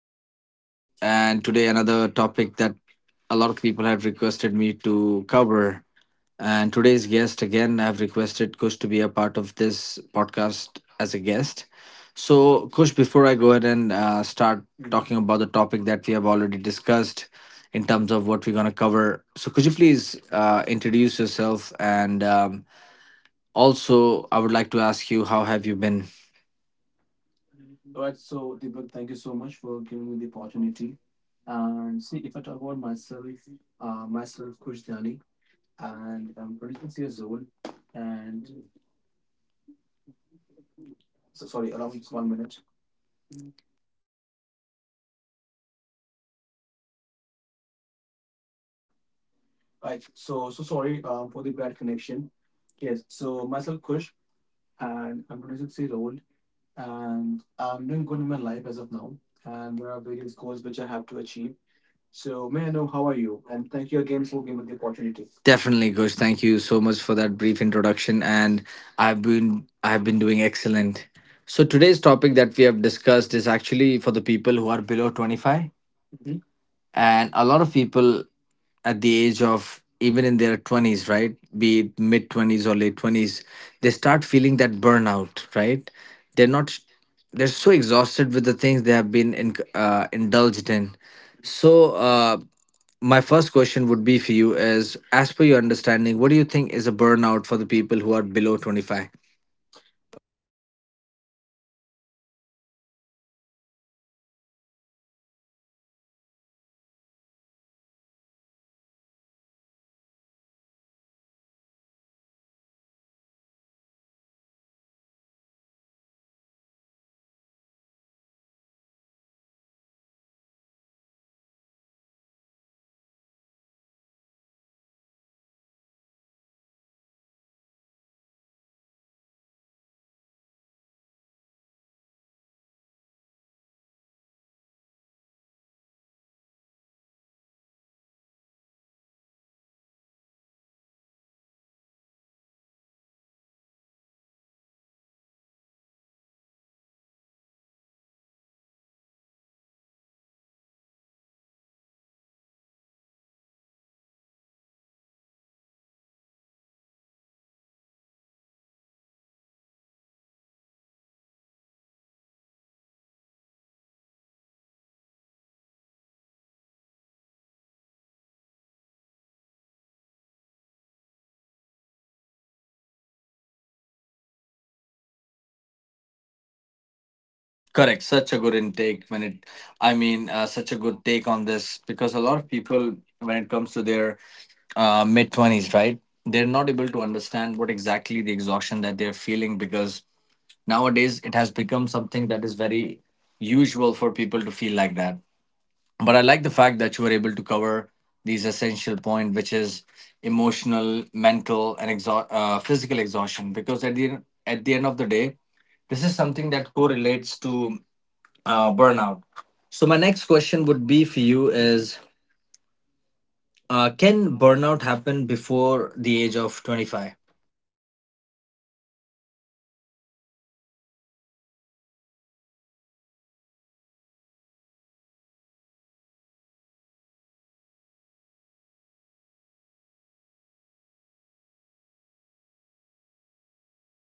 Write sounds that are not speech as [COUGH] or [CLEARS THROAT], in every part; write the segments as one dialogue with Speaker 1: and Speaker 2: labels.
Speaker 1: again. And today, another topic that a lot of people have requested me to cover. And today's guest, again, I've requested Kush to be a part of this podcast as a guest. So, Kush, before I go ahead and start talking
Speaker 2: Mhm.
Speaker 1: about the topic that we have already discussed in terms of what we're going to cover, so could you please introduce yourself? And also, I would like to ask you, how have you been?
Speaker 2: All right, so Deepak, thank you so much for giving me the opportunity. And see, if I talk about myself, myself Kush Kushtani, and I'm 26 years old. And so, sorry, allow me just one
Speaker 1: one
Speaker 2: minute.
Speaker 1: minute
Speaker 2: All right, so sorry for the bad
Speaker 1: That
Speaker 2: connection.
Speaker 1: connection.
Speaker 2: Yes, so myself Kush,
Speaker 1: Kush.
Speaker 2: and I'm 26 years old, and
Speaker 1: And
Speaker 2: I'm doing good in my life as of now. And there are various goals
Speaker 1: those
Speaker 2: which
Speaker 1: which
Speaker 2: I
Speaker 1: I have
Speaker 2: have to
Speaker 1: to achieve
Speaker 2: achieve. So may I know how are
Speaker 1: for
Speaker 2: you?
Speaker 1: you.
Speaker 2: And
Speaker 1: And
Speaker 2: thank
Speaker 1: thank
Speaker 2: you
Speaker 1: you again
Speaker 2: again for
Speaker 1: for
Speaker 2: giving me the
Speaker 1: the opportunity.
Speaker 2: opportunity.
Speaker 1: Definitely, Kush. Thank you so much for that brief introduction, and I've been doing excellent. So today's topic that we have discussed is actually for the people who are below 25,
Speaker 2: Mm-hmm.
Speaker 1: and a lot of people at the age of even in their 20s, right, be it mid 20s or late 20s, they start feeling that burnout, right? They're not, they're so exhausted with the things they have been in, indulged in.
Speaker 2: Mm-hmm.
Speaker 1: So
Speaker 2: So,
Speaker 1: my first question would be for you is, as per your understanding, what do you think is a burnout for the people who are below 25?
Speaker 2: all right. So see, when I heard this term burnout, it basically means you know the state of being emotional, mental, and physical exhaustion or exertion, you know, caused by stress, especially you know when we feel overwhelmed or overworked. So, what I believe is this is, you know, what a burnout is, wherein we have exhaust all of our options, and we are expressing or we are facing such a hard time, you know, when we have to do a certain thing in our life. And see, there are various signs, you know, which indicates burnout, such as, you know, constant tiredness even after resting and all. And apart from this, the major role is played by lack of motivation, or you know lack of interest in certain things you know which matter for one individual. And [CLEARS THROAT] see, apart from this, there are various factors such as emotional numbness, or when we drop in performance at work or school or in our daily life. So I guess these are the basic key factors, which you know indicates burnout, wherein you know we express ourselves emotionally or mentally.
Speaker 1: Correct, such a good intake when it, I mean such a good take on this, because a lot of people when it comes to their mid 20s, right? They're not able to understand what exactly the exhaustion that they're feeling, because nowadays it has become something that is very usual for people to feel like that. But I like the fact that you were able to cover these essential point, which is emotional, mental, and physical exhaustion, because at the end of the day, this is something that correlates to burnout. So my next question would be for you is, can burnout happen before the age of 25?
Speaker 2: Well, see, what I believe is yes, we can happen well, or we can experience burnout before 25. It's because basically, you know, the experience, I mean, you know, in academic experience or career or social pressure.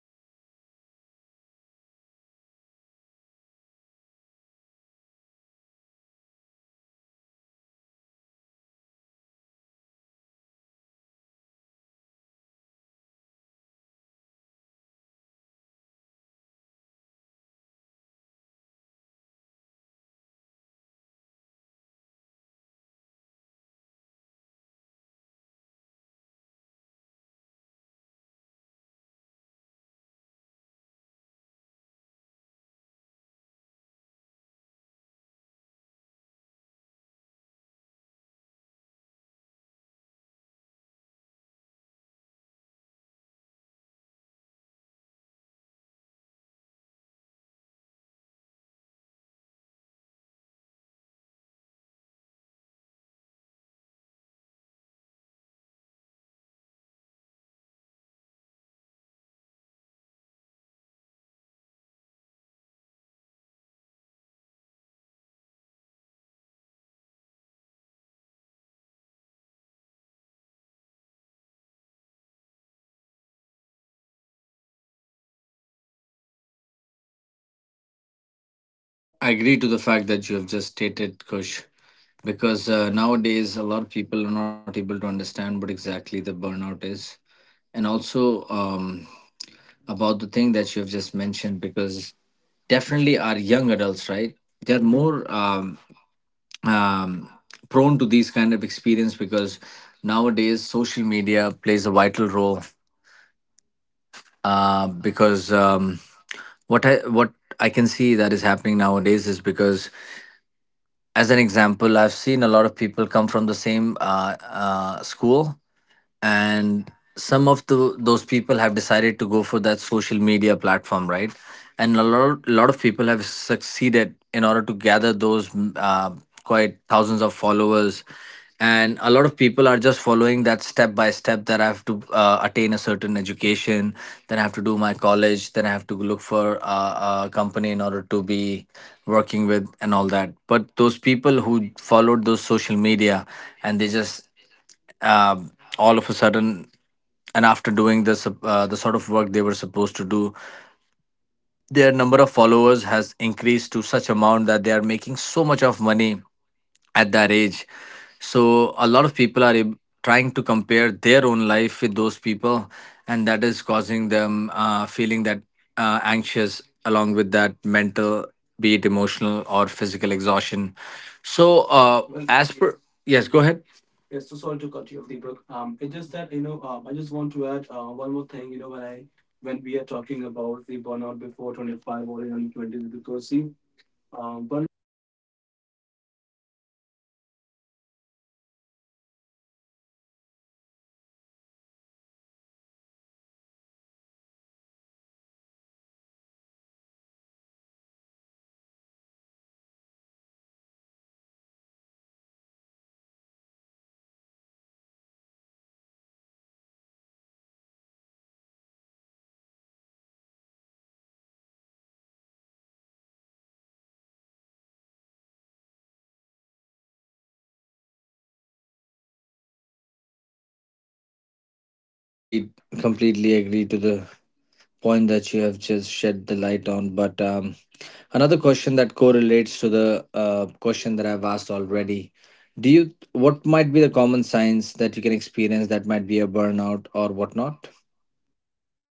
Speaker 2: And apart from this, you know, many young people experience burnout in their teens or early 20s, especially because, you know, this age carries a lot of pressure when it comes to the you know when it comes to financial behavior, or their culture, or their identity pressure. So see, when I say identity pressure, because you know nowadays, we have seen that there are various you know gender issues wherein people they don't like or they used to cover the gender issues and all. So I guess these are the things you know due to which burnout may occur before the age of 25 or in early 20s. And apart from this, you know, see why it happened, you know, so young is because people they try to prove themselves, or you know, when they try to meet their expectations, not you know having enough rest or balance or having some sort of clarity in their life, what they want to do or what do they have to achieve in their life. So all of these situations, they create a mess, and due to which you know burnout may occur in early 20s. This is my intake in this topic so far.
Speaker 1: I agree to the fact that you have just stated, Kush, because nowadays a lot of people are not able to understand what exactly the burnout is. And also, about the thing that you have just mentioned, because definitely our young adults, right? They're
Speaker 2: Mhm.
Speaker 1: more um, um, prone to these kind of experience, because nowadays social media plays a vital role because what I can see that is happening nowadays is because, as an example, I've seen a lot of people come from the same school, and some of the those people have decided to go for that social media platform, right? And a lot of people have succeeded in order to gather those quite thousands of followers. And a lot of people are just following that step by step, that I have to attain a certain education, then I have to do my college, then I have to look for a company in order to be working with, and all that. But those people who followed those social media, and they just um, all of a sudden, and after doing this, the sort of work they were supposed to do, their number of followers has increased to such amount that they are making so much of money at that age. So a lot of people are trying to compare their own life with those people, and that is causing them, feeling that anxious, along with that mental, be it emotional or physical exhaustion. So
Speaker 2: Well,
Speaker 1: as per
Speaker 2: yes,
Speaker 1: yes, go ahead.
Speaker 2: yes. So sorry to cut you off, Deepak. It's just that you know, I just want to add one more thing. When we are talking about the burnout before 25 or in early 20s, because see, burnout, you know it's isn't about the age, it's about you know the load, or I mean the sort of load you know which we receive from our society, and the sort of support which we receive from our family or from our loved ones. Because see in nowadays I guess you know society play a major role when it comes to um, you know um, handle or when we have to do a certain things, but the number of our supporters they're less. So in this way there might be a possibility that you know one can feel or one can suffer a burnout in their earlys. Yes.
Speaker 1: Agreed, completely agree to the point that you have just shed the light on. But another question that correlates to the question that I've asked already. Do you, what might be the common signs that you can experience that might be a burnout or whatnot?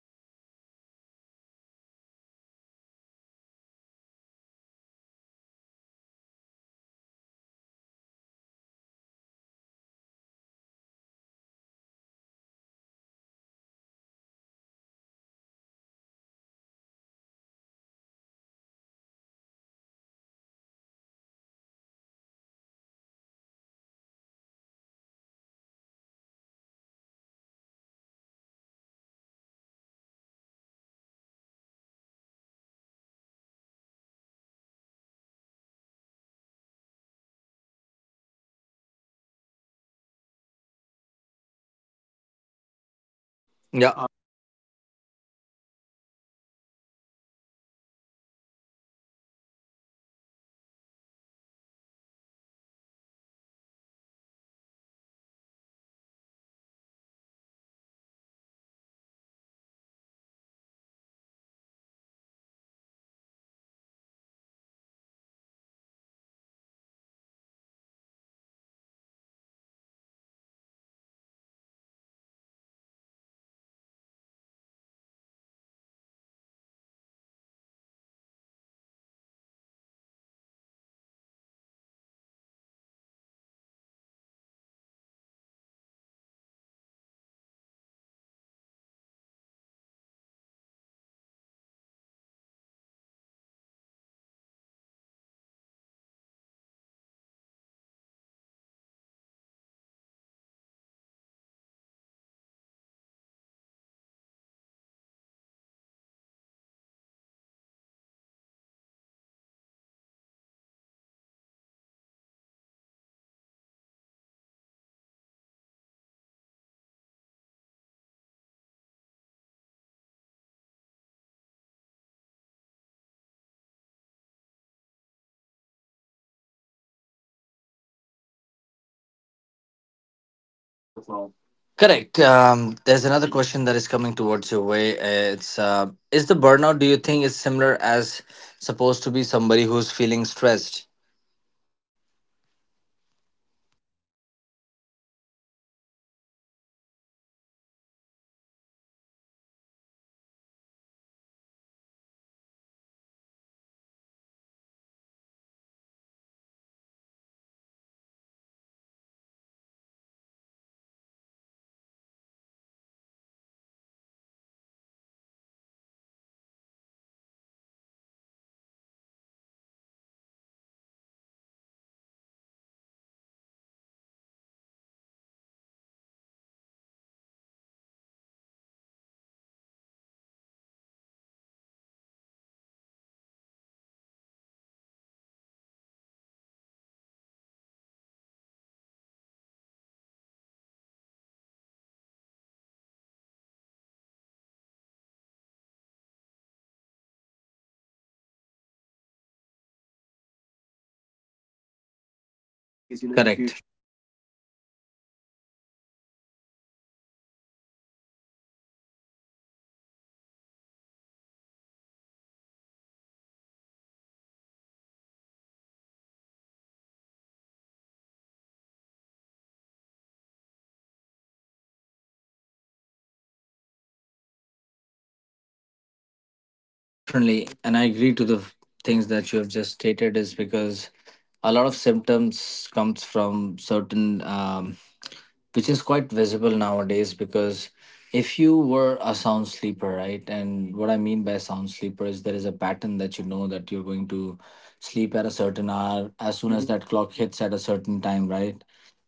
Speaker 2: So see what I feel like is I mean you know fatigue, or loss of motivation, and poor focus. And apart from this you know when we are mentally exhausted or physically ex- exhausted, it also became a common sign of a burnout. And except from this, emotional size such as, feeling emotionally drained or numb, and when we are irritated, or you know whenever we get frustrated easily, all of these symbols that you know we are burned in our life you know when it comes to emotionally or mentally. And apart from this, see, there are various physical factors as well, which also affect. Yeah.
Speaker 1: Yeah.
Speaker 2: These sort of factors, such as, you know, when we tired even after heavy sleep, or when we feel low, you know, in terms of energy and all, and whenever we have body ache or any sort of tension in our body. And if I talk about you know any behavioral sign, it basically you know when we want to relieve ourselves from our friends or any sort of activity, or whenever our performance is not good at work or in studies. So all of these factors, um, it hamper the burnout, and these are the key indicators wherein you know one can see or one can observe that the particular person is burned out or he or she is suffering from some sort of failure or some sort of conflictions in their life. And see there are various you know I mean other factors you know wherein one can have such a thought wherein they feel that you know I'm not myself lately, or wherein even doing after each and everything, everything feels everything feels heavy, and whenever we feel like you know I'm tired of being tired and all. So all of these things or all of these situation, it can occur or it can cause a burnout you know even though if we are in early 20s or in late 30s as well. So this is my intake in this topic as
Speaker 1: Because
Speaker 2: of
Speaker 1: of
Speaker 2: now.
Speaker 1: now. Correct. There's another question that is coming towards your way. It's is the burnout, do you think, is similar as supposed to be somebody who's feeling stressed?
Speaker 2: Okay. So see well what I think is, um stress is I mean, see, stress, it can be temporary, while burnout is prolonged or draining. Because see, in stress, you know, one can feel stress if you know they are not doing well in their career, or if they are not doing good in terms of emotional or physical benefits. And when I say physical benefit, it basically covers monetary issues and all. However, stress is a prolonged disease, and when I say disease, it basically is, you know, whenever we are doing anything or whenever we are facing any issue, we might see a person who is under stress, and they will ask a lot of questions, you know, about their self and how they are doing, or how well do they cope up with their activities, you know, in Correct.
Speaker 1: Correct.
Speaker 2: future, and how they can achieve a certain goal. So all of these situations may occur a person to suffer from stress, which also have their certain negative, what do we call, expectations or any other opportunities. It will hamper the opportunities, you know, in the future as well. I mean, this is my intake in this.
Speaker 1: Definitely, and I agree to the things that you have just stated, is because a lot of symptoms comes from certain, which is quite visible nowadays. Because if you were a sound sleeper, right, and what I mean by sound sleeper is there is a pattern that you know, that you're going to sleep at a certain hour as soon as, mhm,
Speaker 2: Hmm.
Speaker 1: that clock hits at a certain time, right?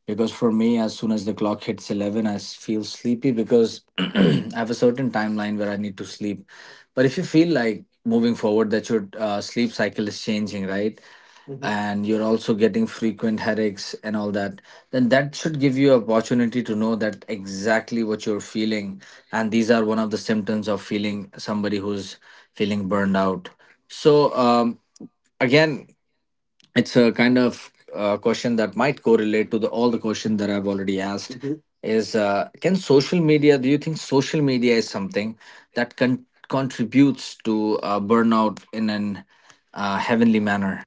Speaker 1: Because for me, as soon as the clock hits 11, I feel sleepy, because [CLEARS THROAT] I have a certain timeline where I need to sleep. But if you feel like moving forward that your sleep cycle is changing, right? Mhm.
Speaker 2: Hmm.
Speaker 1: And you're also getting frequent headaches and all that, then that should give you opportunity to know that exactly what you're feeling, and these are one of the symptoms of feeling somebody who's feeling burned out. So again, it's a kind of question that might correlate to the all the questions that I've already asked,
Speaker 2: Mm-hmm.
Speaker 1: is can social media, do you think social media is something that contributes to burnout in an heavenly manner?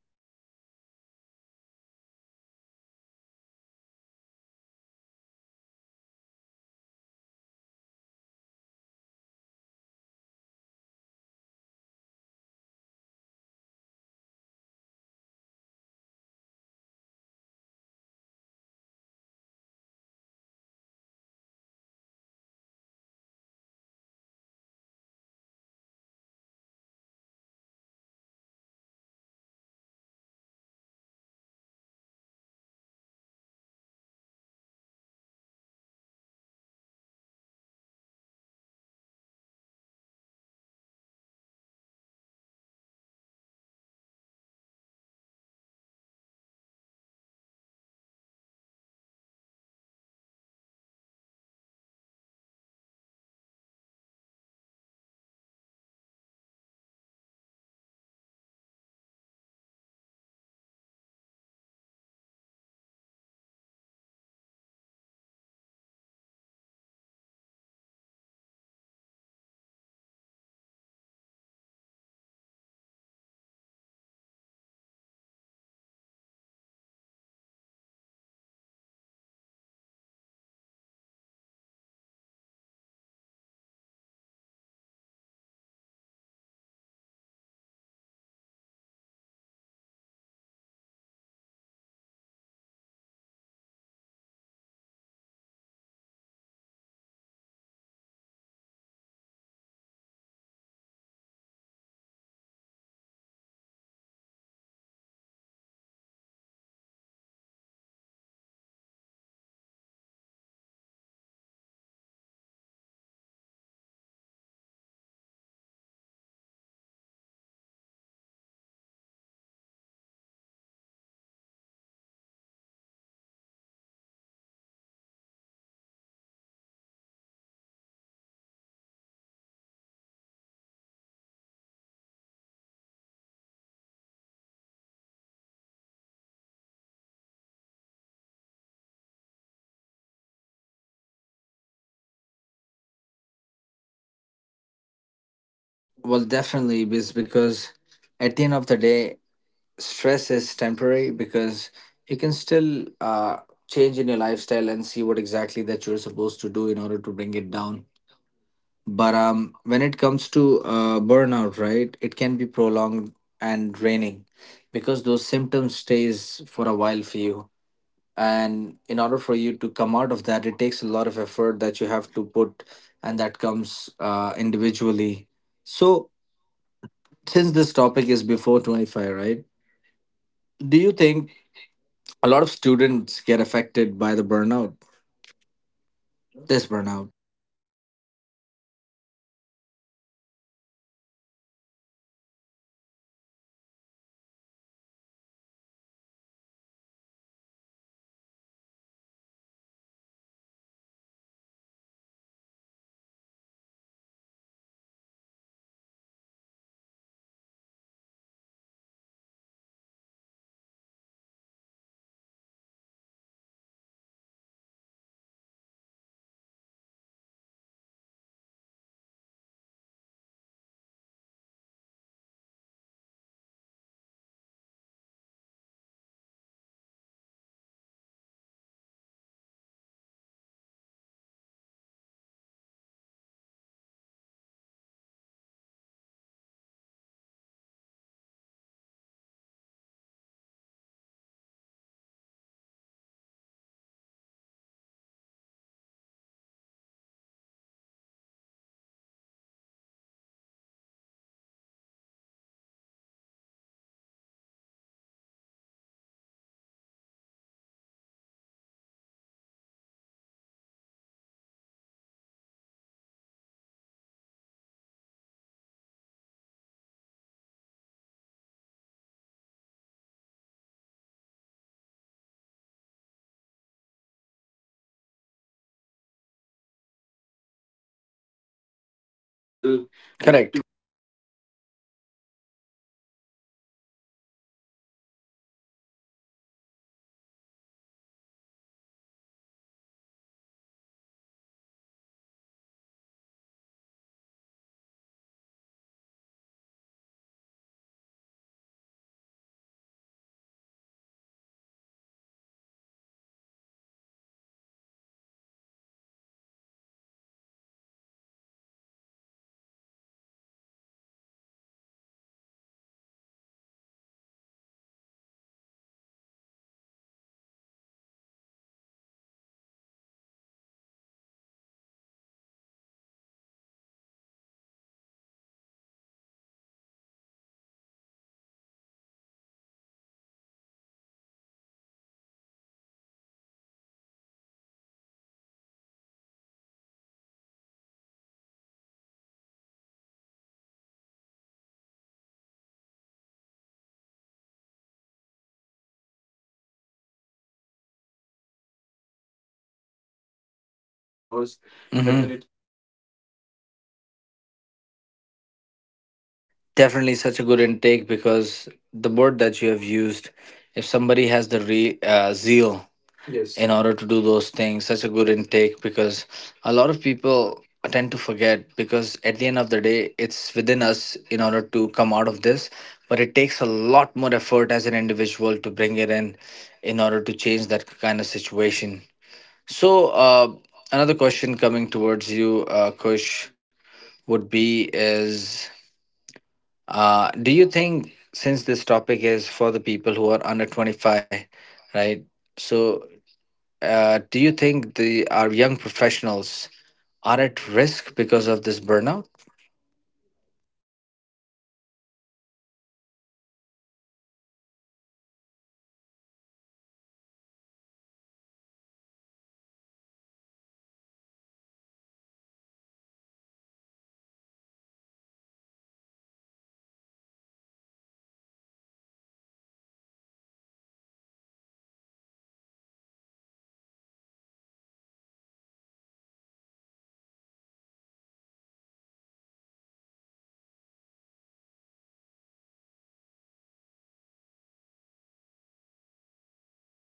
Speaker 2: Well, see, I mean, what I think is yes, because you know, through comparison, pressure, and information, you know, we one might think that social media is one of the factor which help us, which help of individual to cause a burnout, is because you know see, in nowadays, what we have noticed is we usually see, you know, what a person has achieved. So this might cause, you know, one individual to suffer from a situation wherein they will only see the good, you know, what they've achieved, but they will never saw the sort of reality, you know, which they have followed or from where they have gone through. And when I say this, it basically means that, you know, one will never see the failure or the sort of competition which they have gone through. We will only see their best version as of now, and we will only see the sort of achievement which they have gained as of now, but we will not focus, you know, the sort of path which they have followed. So what I believe is yes, burnout will certainly occur in this sort of scenarios, because social media nowadays is pretty common and they're attracting whole lot of people. I mean, it never depend on age. It could be possible the person is, you know, in early, you know, tens. I mean, when I say tens, it basically mean 10, 12, or 15, or in early 20s as well. Every person in nowadays, they use social media and they're aware that these sort of platform, they usually help our individual to grow. And we only see, you know, their achievements. We will never see their difficulties or the path, you know, where they were wrong or um, when the ideas won't work. Correct. So in this way, yes, social media play a vital role whenever it comes to, or whenever it comes for a person to be emotionally or mentally a burnout.
Speaker 1: Well, definitely is, because at the end of the day, stress is temporary, because you can still change in your lifestyle and see what exactly that you're supposed to do in order to bring it down. But when it comes to burnout, right, it can be prolonged and draining, because those symptoms stays for a while for you. And in order for you to come out of that, it takes a lot of effort that you have to put, and that comes individually. So since this topic is before 25, right, do you think a lot of students get affected by the burnout, this burnout?
Speaker 2: Well, see, yes, what I think is a lot of students, and I mean not students, also young professionals as well, they also go through burnout, because there is a higher risk where you know there is a certain stage in life, you know, where we want to meet our expectations and wherein, you know, we want to achieve our goal. So if we are not doing good and if we are not coping up with such you know such certain activities which we need to make sure that we are following, then yes, it will give us a negative impact which will help us or which will lead to this sort of burnout. Because see, when I mean, when we talk about students, see every student, I mean, as of now, they need to I mean, they only have the thought that they have to become a good doctor or engineer. And apart from this, I mean, I don't feel that, you know, they have any other passion, that they have to or they want to become a doctor or a or an engineer. So if you know, they are not doing I mean, if they are not doing good in their entrance exam and all, they might feel a pressure which will you know, lead to the burnout, wherein you know they have to drop from that particular year, and then you know they have to practice for the whole year once again, and they have to prepare for the exam one more time. I mean, see, I mean, it's totally possible that you know they might not be able to attain, or they might not be able to achieve good numbers in the particular exam, which will
Speaker 1: Well,
Speaker 2: lead
Speaker 1: correct.
Speaker 2: to the burnout especially. And when it comes to the you know, the younger professional, there's also a risk. I mean, so let's say younger professional, when I say, I basically mean, let's say if you know we are working in an organization and we want to apply for a certain position in our job, and we want to achieve good in our life. So it is possible that you know there are multiple applicants for the same position, and only one of us or two of us, depending on the number of vacancies, our management or the people who are above us, they will select, and they need to make sure that, that you know the number of applicants who have applied for the position, they're meeting the certain targets and they're [CLEARS THROAT] meeting the expectations, then only they will be able to select, you know, based on all of these information. See, it might give a negative impact as well, you know, if the people are like, you know, that they only want to try or give it a shot only for one time, then yes, it will give a negative impact. And, you know, if someone have the um, urge, if someone have the zeal that yes, they want to achieve something good in their life, they will learn from all of those experiences and it will help them to grow eventually. So I guess this is my take. I mean, you know, in this question of
Speaker 1: Yours.
Speaker 2: yours, whether
Speaker 1: Mhm.
Speaker 2: it impact the students or young professional, you know, in their life or not.
Speaker 1: Definitely such a good intake, because the word that you have used, if somebody has the zeal, yes, in
Speaker 2: Yes.
Speaker 1: order to do those things, such a good intake, because a lot of people tend to forget, because at the end of the day, it's within us in order to come out of this. But it takes a lot more effort as an individual to bring it in order to change that kind of situation. So, another question coming towards you, Kush, would be is, do you think, since this topic is for the people who are under 25, right? So, do you think the our young professionals are at risk because of this burnout?
Speaker 2: Um, well, see, you know, like I mentioned earlier, that yes, young professionals are at higher risk of burnout, because they're often in a stage of life, you know, wherein they have high pressure to meet low controls and limited experience. And apart from this, it's not about weakness, it's about the environment, wherein they suffer or wherein they work. So, apart from this, there are there are various expertise, such as heavy workload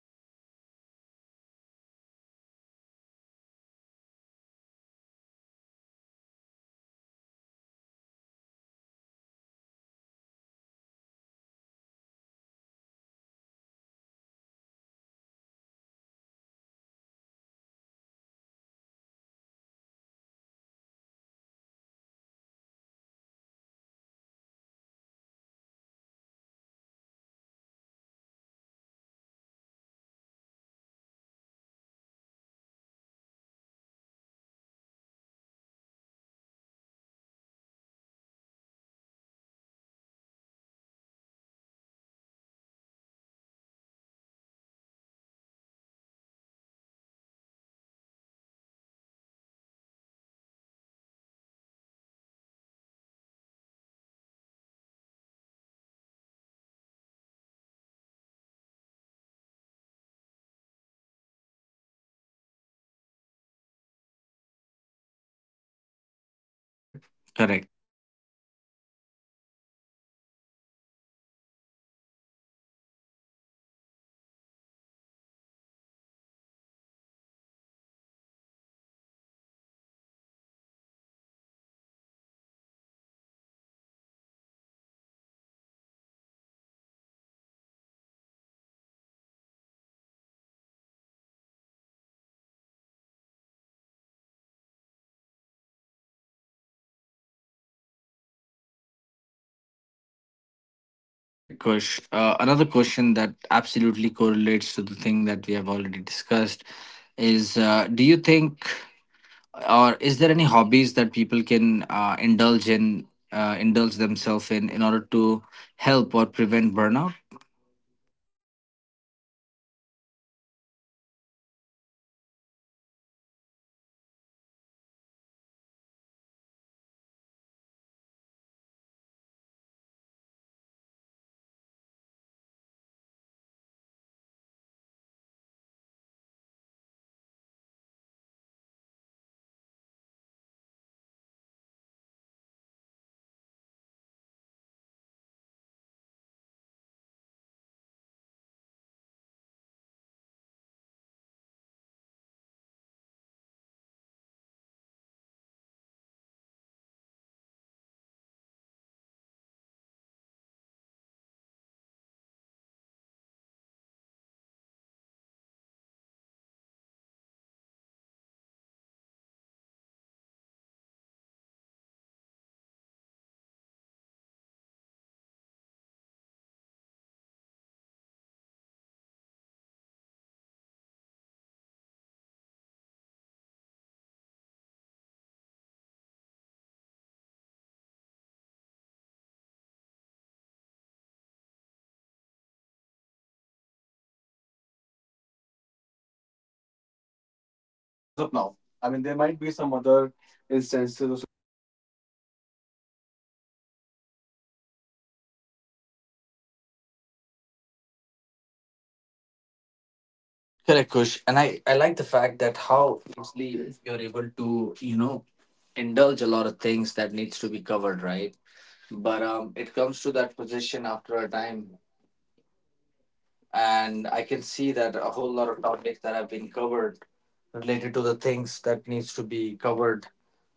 Speaker 2: or control, or some might face financial pressure, or any you know career in I mean, career insecurity, wherein you know a person needs to be financially stable, because you know one might have to see, or they have to look out for their whole family. Mm. And apart from this, you know, there might be a person who is very career oriented, and wherein, you know, his or her only focus is on having a good career, or they need to achieve a certain position at a younger age. So if they won't get what they deserve, I mean, as per them, not as per the management and all, you know, because we need to make sure that we are meeting our certain targets, and only, you know, we will be able to achieve good in our life. So yes, I mean, if, you know, if you have such a negative thought in your mind that yes, I can apply it, and I can get this or this certain role in a jiffy, then yes, you're highly mistaken, and it will give you a negative impact, and you will be burnout. You will feel mentally and physical pressure on yourself because you're not do- doing
Speaker 1: Good.
Speaker 2: good
Speaker 1: Correct.
Speaker 2: in terms of you know company aspect. It's just because you're doing good in your own self, and if you believe in your own spirit that yes, I'm doing good, it's not basically what matters. See, you need to have a sort of experience or a sort of a motivation in yourself, wherein people can also see good that yes, you're doing good, then only you will be able to achieve something in your life. And if you don't have these [CLEARS THROAT] I mean within you, then you won't be able to succeed, my friend. It's basically that it will give you stress, a lot of stress.
Speaker 1: Correct, Kush. Another question that absolutely correlates to the thing that we have already discussed is, do you think or is there any hobbies that people can indulge themselves in order to help or prevent burnout?
Speaker 2: Well, yes, there are various things, you know, which one can opt in, wherein you know they will help you to relax this sort of balance, such as you know nowadays it's very common, you know, doing yoga and you know to have some sort of good physical exercise in your life. I mean, it could be either you know doing yoga, like I said earlier, or you can. Jog, or you can do some you know peaceful exercise, so that it will help you to stay calm, it will help you to you know keep your focus in your certain position. And see, what I have heard or what I've read is, you know, we all know a mantra, which is Om. If we do this, you know, while keeping our clothes in a butterfly position, it will help us, you know, to gain some conscious. It will help us to maintain a sort of balance wherein, you know, one can focus on their things, or one can focus on their task which they have to do or which they're supposed to do. So in this way, we will be able to contract all of these things, and we will be able to achieve or maintain our goals or thoughts, you know, which we have in our life. I guess this is my take in this topic
Speaker 1: As
Speaker 2: as
Speaker 1: of
Speaker 2: of
Speaker 1: now.
Speaker 2: now. I mean, there might be some
Speaker 1: Some other
Speaker 2: other instances or
Speaker 1: instances.
Speaker 2: situations as well, which I'm not aware of or which I have not focused as of now. But yes, as of now, this is the only, you know, situation or answer which I have in my mind.
Speaker 1: Correct, Kush. And I like the fact that how easily you're able to, you know, indulge a lot of things that needs to be covered, right? But it comes to that position after a time. And I can see that a whole lot of topics that have been covered related to the things that needs to be covered,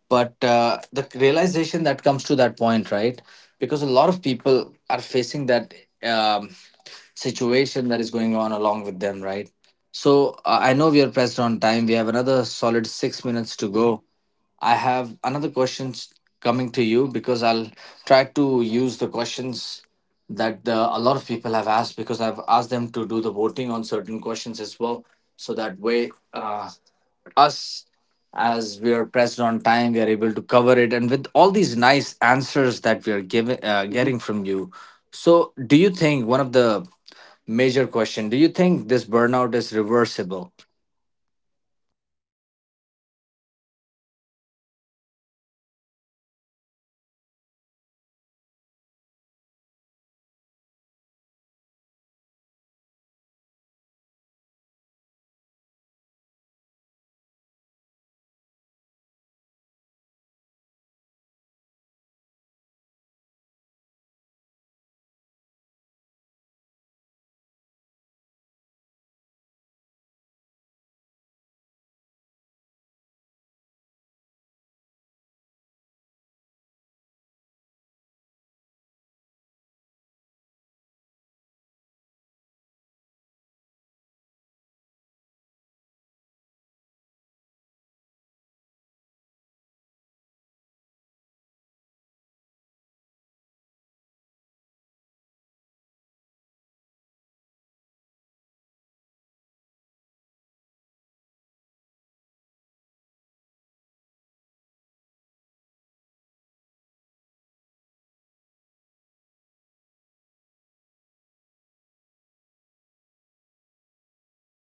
Speaker 1: but the realization that comes to that point, right, because a lot of people are facing that um, situation that is going on along with them, right? So I know we are pressed on time, we have another solid 6 minutes to
Speaker 2: hmm
Speaker 1: go. I have another questions coming to you, because I'll try to use the questions that the, a lot of people have asked, because I've asked them to do the voting on certain questions as well, so that way, uh, us, as we are pressed on time, we are able to cover it, and with all these nice answers that we are giving, mhm, getting from you. So do you think, one of the major question, do you think this burnout is reversible?
Speaker 2: Well, see, yes, this burnout is certainly reversible. It basically depends on the lifestyle changes which one can adapt, and this sort of support which a person or an individual may receive. So when I say the lifestyle changes, it basically come under. So let's say if we are not in a good environment. Good environment means like let's say we are working, we are in late 20s or early 30s, so we need to have such a good experience or such good colleagues with us who will, motivate us in every aspect of our life. And we need to have some sort of leaders, I mean, in office environment, who will guide us, who will help us to achieve our targets. And apart from this, we need to have some good connections with the family as well, because see, at the end, family is the key, which help us to motivate, or they will guide us in our hard ways as well, that you need to do this, and in this way you will be able to achieve, or you will be able to maintain your targets, so that we can learn from their experiences. And apart from this,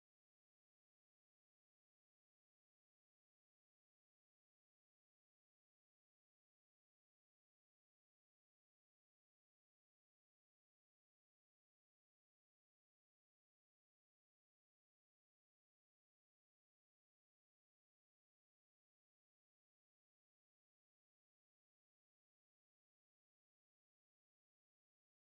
Speaker 2: what else I can say is, um, we need to do some changes in our day to day life as well. See, if we are stressed and we have, if we are not mentally stable, we need to focus on at least one physical exercise or any, sport, because it will help us to remain calm. And even though if we have any stress, or if we want to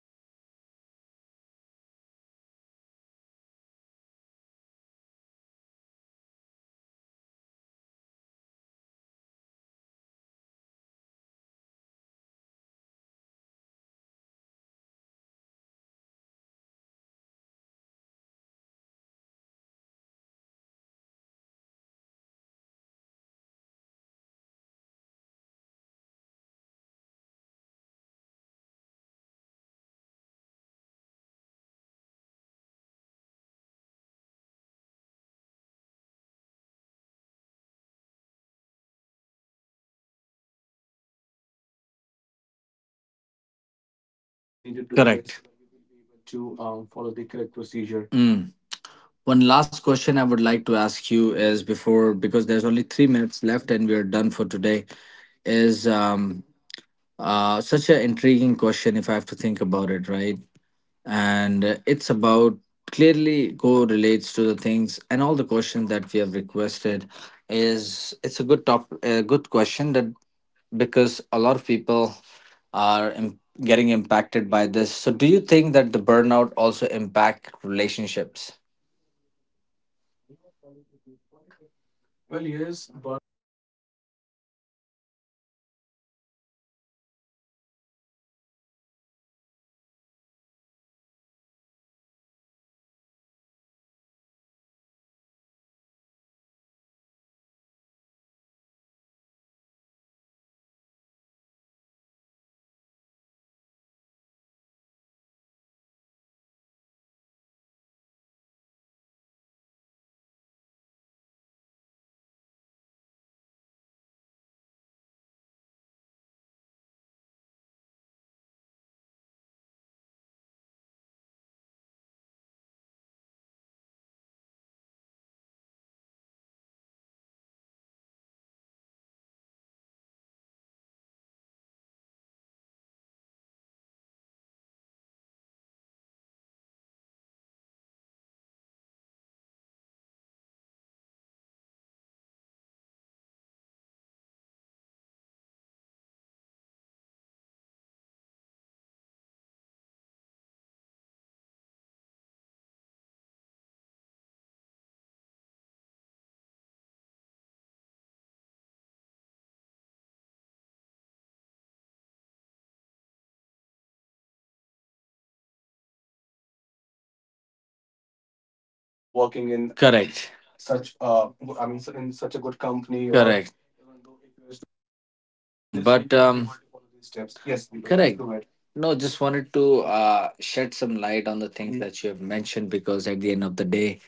Speaker 2: burnout physically or mentally or emotionally, at least we can give the same in our game as well, so that we will be able to take a deep breath, and we can think about the procedure or the situation where we have gone through, so that we will be able to think clearly. And when we do all of these activities, physical activity of playing a sport and all, it will give us a lot of deep breaths, which will let us to some good amount of oxygen, which will help our brain, or which will boost our brain to think good or to think clearly in these circumstances, so that we will be able to achieve, sorry, achieve good. And we will have some sort of clarity in our mind as well, that
Speaker 1: We
Speaker 2: we
Speaker 1: need
Speaker 2: need
Speaker 1: to
Speaker 2: to
Speaker 1: do
Speaker 2: do
Speaker 1: correct
Speaker 2: this
Speaker 1: this
Speaker 2: so that we will be able
Speaker 1: to
Speaker 2: to
Speaker 1: follow
Speaker 2: follow
Speaker 1: the
Speaker 2: the
Speaker 1: correct
Speaker 2: correct
Speaker 1: procedure.
Speaker 2: procedure.
Speaker 1: Mm. One last question I would like to ask you is before,
Speaker 2: Mhm.
Speaker 1: because there's only 3 minutes left and we're done for today, is
Speaker 2: Mhm.
Speaker 1: such an intriguing question if I have to think about it, right? And it's about, clearly go relates to the things and all the questions that we have requested, is it's a good top, a good question that, because a lot of people are getting impacted by this. So do you think that the burnout also impact relationships,
Speaker 2: Well, yes, burnout, it usually impact our relationship. I mean, it doesn't matter, the relationship which we are talking about is with our family or with our loved one. See, nowadays it's very common for individual to have a relationship with their, I don't know, with having a boyfriend or girlfriend. It doesn't matter. See, if we are not physically stable, or if we are not physically doing good or mentally doing good, it will, [CLEARS THROAT] keep us or let us in a certain point wherein we will feel exerted, or when we will fight with our relatives or with our family, no matter what, even on small topics. So what I think is, it's pretty essential, whenever we feel like we are exerted, or we don't have any such good thought in um ourselves. What I recommend is, take a deep breath, go and wash your face, so that you will be able to think clearly. This will you, by using a cold water especially. So when I say cold water is because when you use cold water to wash your face, it will help you to focus on your thoughts. It will give you some sort of clarity, so that you will be able to walk on the right path. You will be able to follow a certain direction, so that you will be able to follow good steps, and you will be able to maintain a good relationship, even though if you're mentally stressed out, or if you're feeling such a burden,
Speaker 1: or
Speaker 2: or
Speaker 1: working
Speaker 2: working
Speaker 1: in,
Speaker 2: in
Speaker 1: correct,
Speaker 2: such
Speaker 1: such uh,
Speaker 2: a,
Speaker 1: I
Speaker 2: I mean,
Speaker 1: mean in
Speaker 2: in
Speaker 1: such
Speaker 2: such
Speaker 1: a
Speaker 2: a
Speaker 1: good
Speaker 2: good
Speaker 1: company, or
Speaker 2: company, or
Speaker 1: correct.
Speaker 2: correct. Even though if you're a student as well, so in
Speaker 1: Mm,
Speaker 2: this way
Speaker 1: but
Speaker 2: you will be
Speaker 1: um,
Speaker 2: able to follow these steps. Yes, Deepak, please
Speaker 1: correct.
Speaker 2: go ahead.
Speaker 1: No, just wanted to shed some light on the things
Speaker 2: Hmm.
Speaker 1: that you have mentioned, because at the end of the day,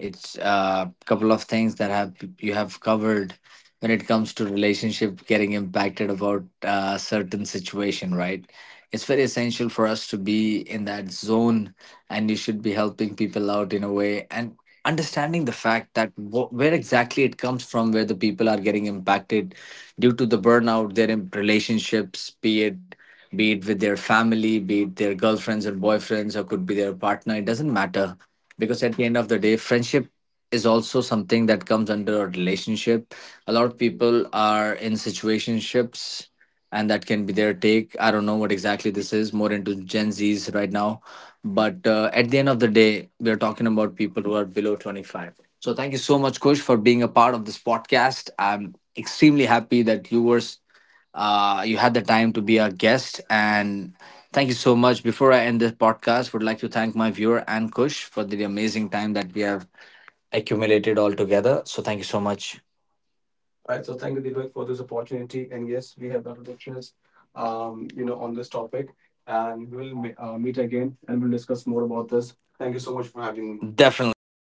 Speaker 1: it's a couple of things that have, you have covered, when it comes to relationship getting impacted about a certain situation, right? It's very essential for us to be in that zone, and you should be helping people out in a way, and understanding the fact that where exactly it comes from, where the people are getting impacted due to the burnout, their relationships, be it, be it with their family, be it their girlfriends and boyfriends, or could be their partner, it doesn't matter, because at the end of the day, friendship is also something that comes under a relationship. A lot of people are in situationships, and that can be their take, I don't know what exactly, this is more into Gen Z's right now. But at the end of the day, we're talking about people who are below 25. So thank you so much, Kush, for being a part of this podcast. I'm extremely happy that you were, you had the time to be a guest. And thank you so much. Before I end this podcast, would like to thank my viewer and Kush for the amazing time that we have accumulated all together. So thank you so much.
Speaker 2: All right, so thank you Deepak for this opportunity,
Speaker 1: Opportunity.
Speaker 2: and yes, we have a lot to discuss
Speaker 1: um, you know,
Speaker 2: on this topic, and
Speaker 1: and
Speaker 2: we will
Speaker 1: we'll
Speaker 2: meet
Speaker 1: meet
Speaker 2: again,
Speaker 1: again,
Speaker 2: and
Speaker 1: and
Speaker 2: we'll
Speaker 1: we'll
Speaker 2: discuss
Speaker 1: discuss
Speaker 2: more
Speaker 1: more
Speaker 2: about
Speaker 1: about,
Speaker 2: this. Thank you so much for
Speaker 1: for
Speaker 2: having me.
Speaker 1: having me. Definitely.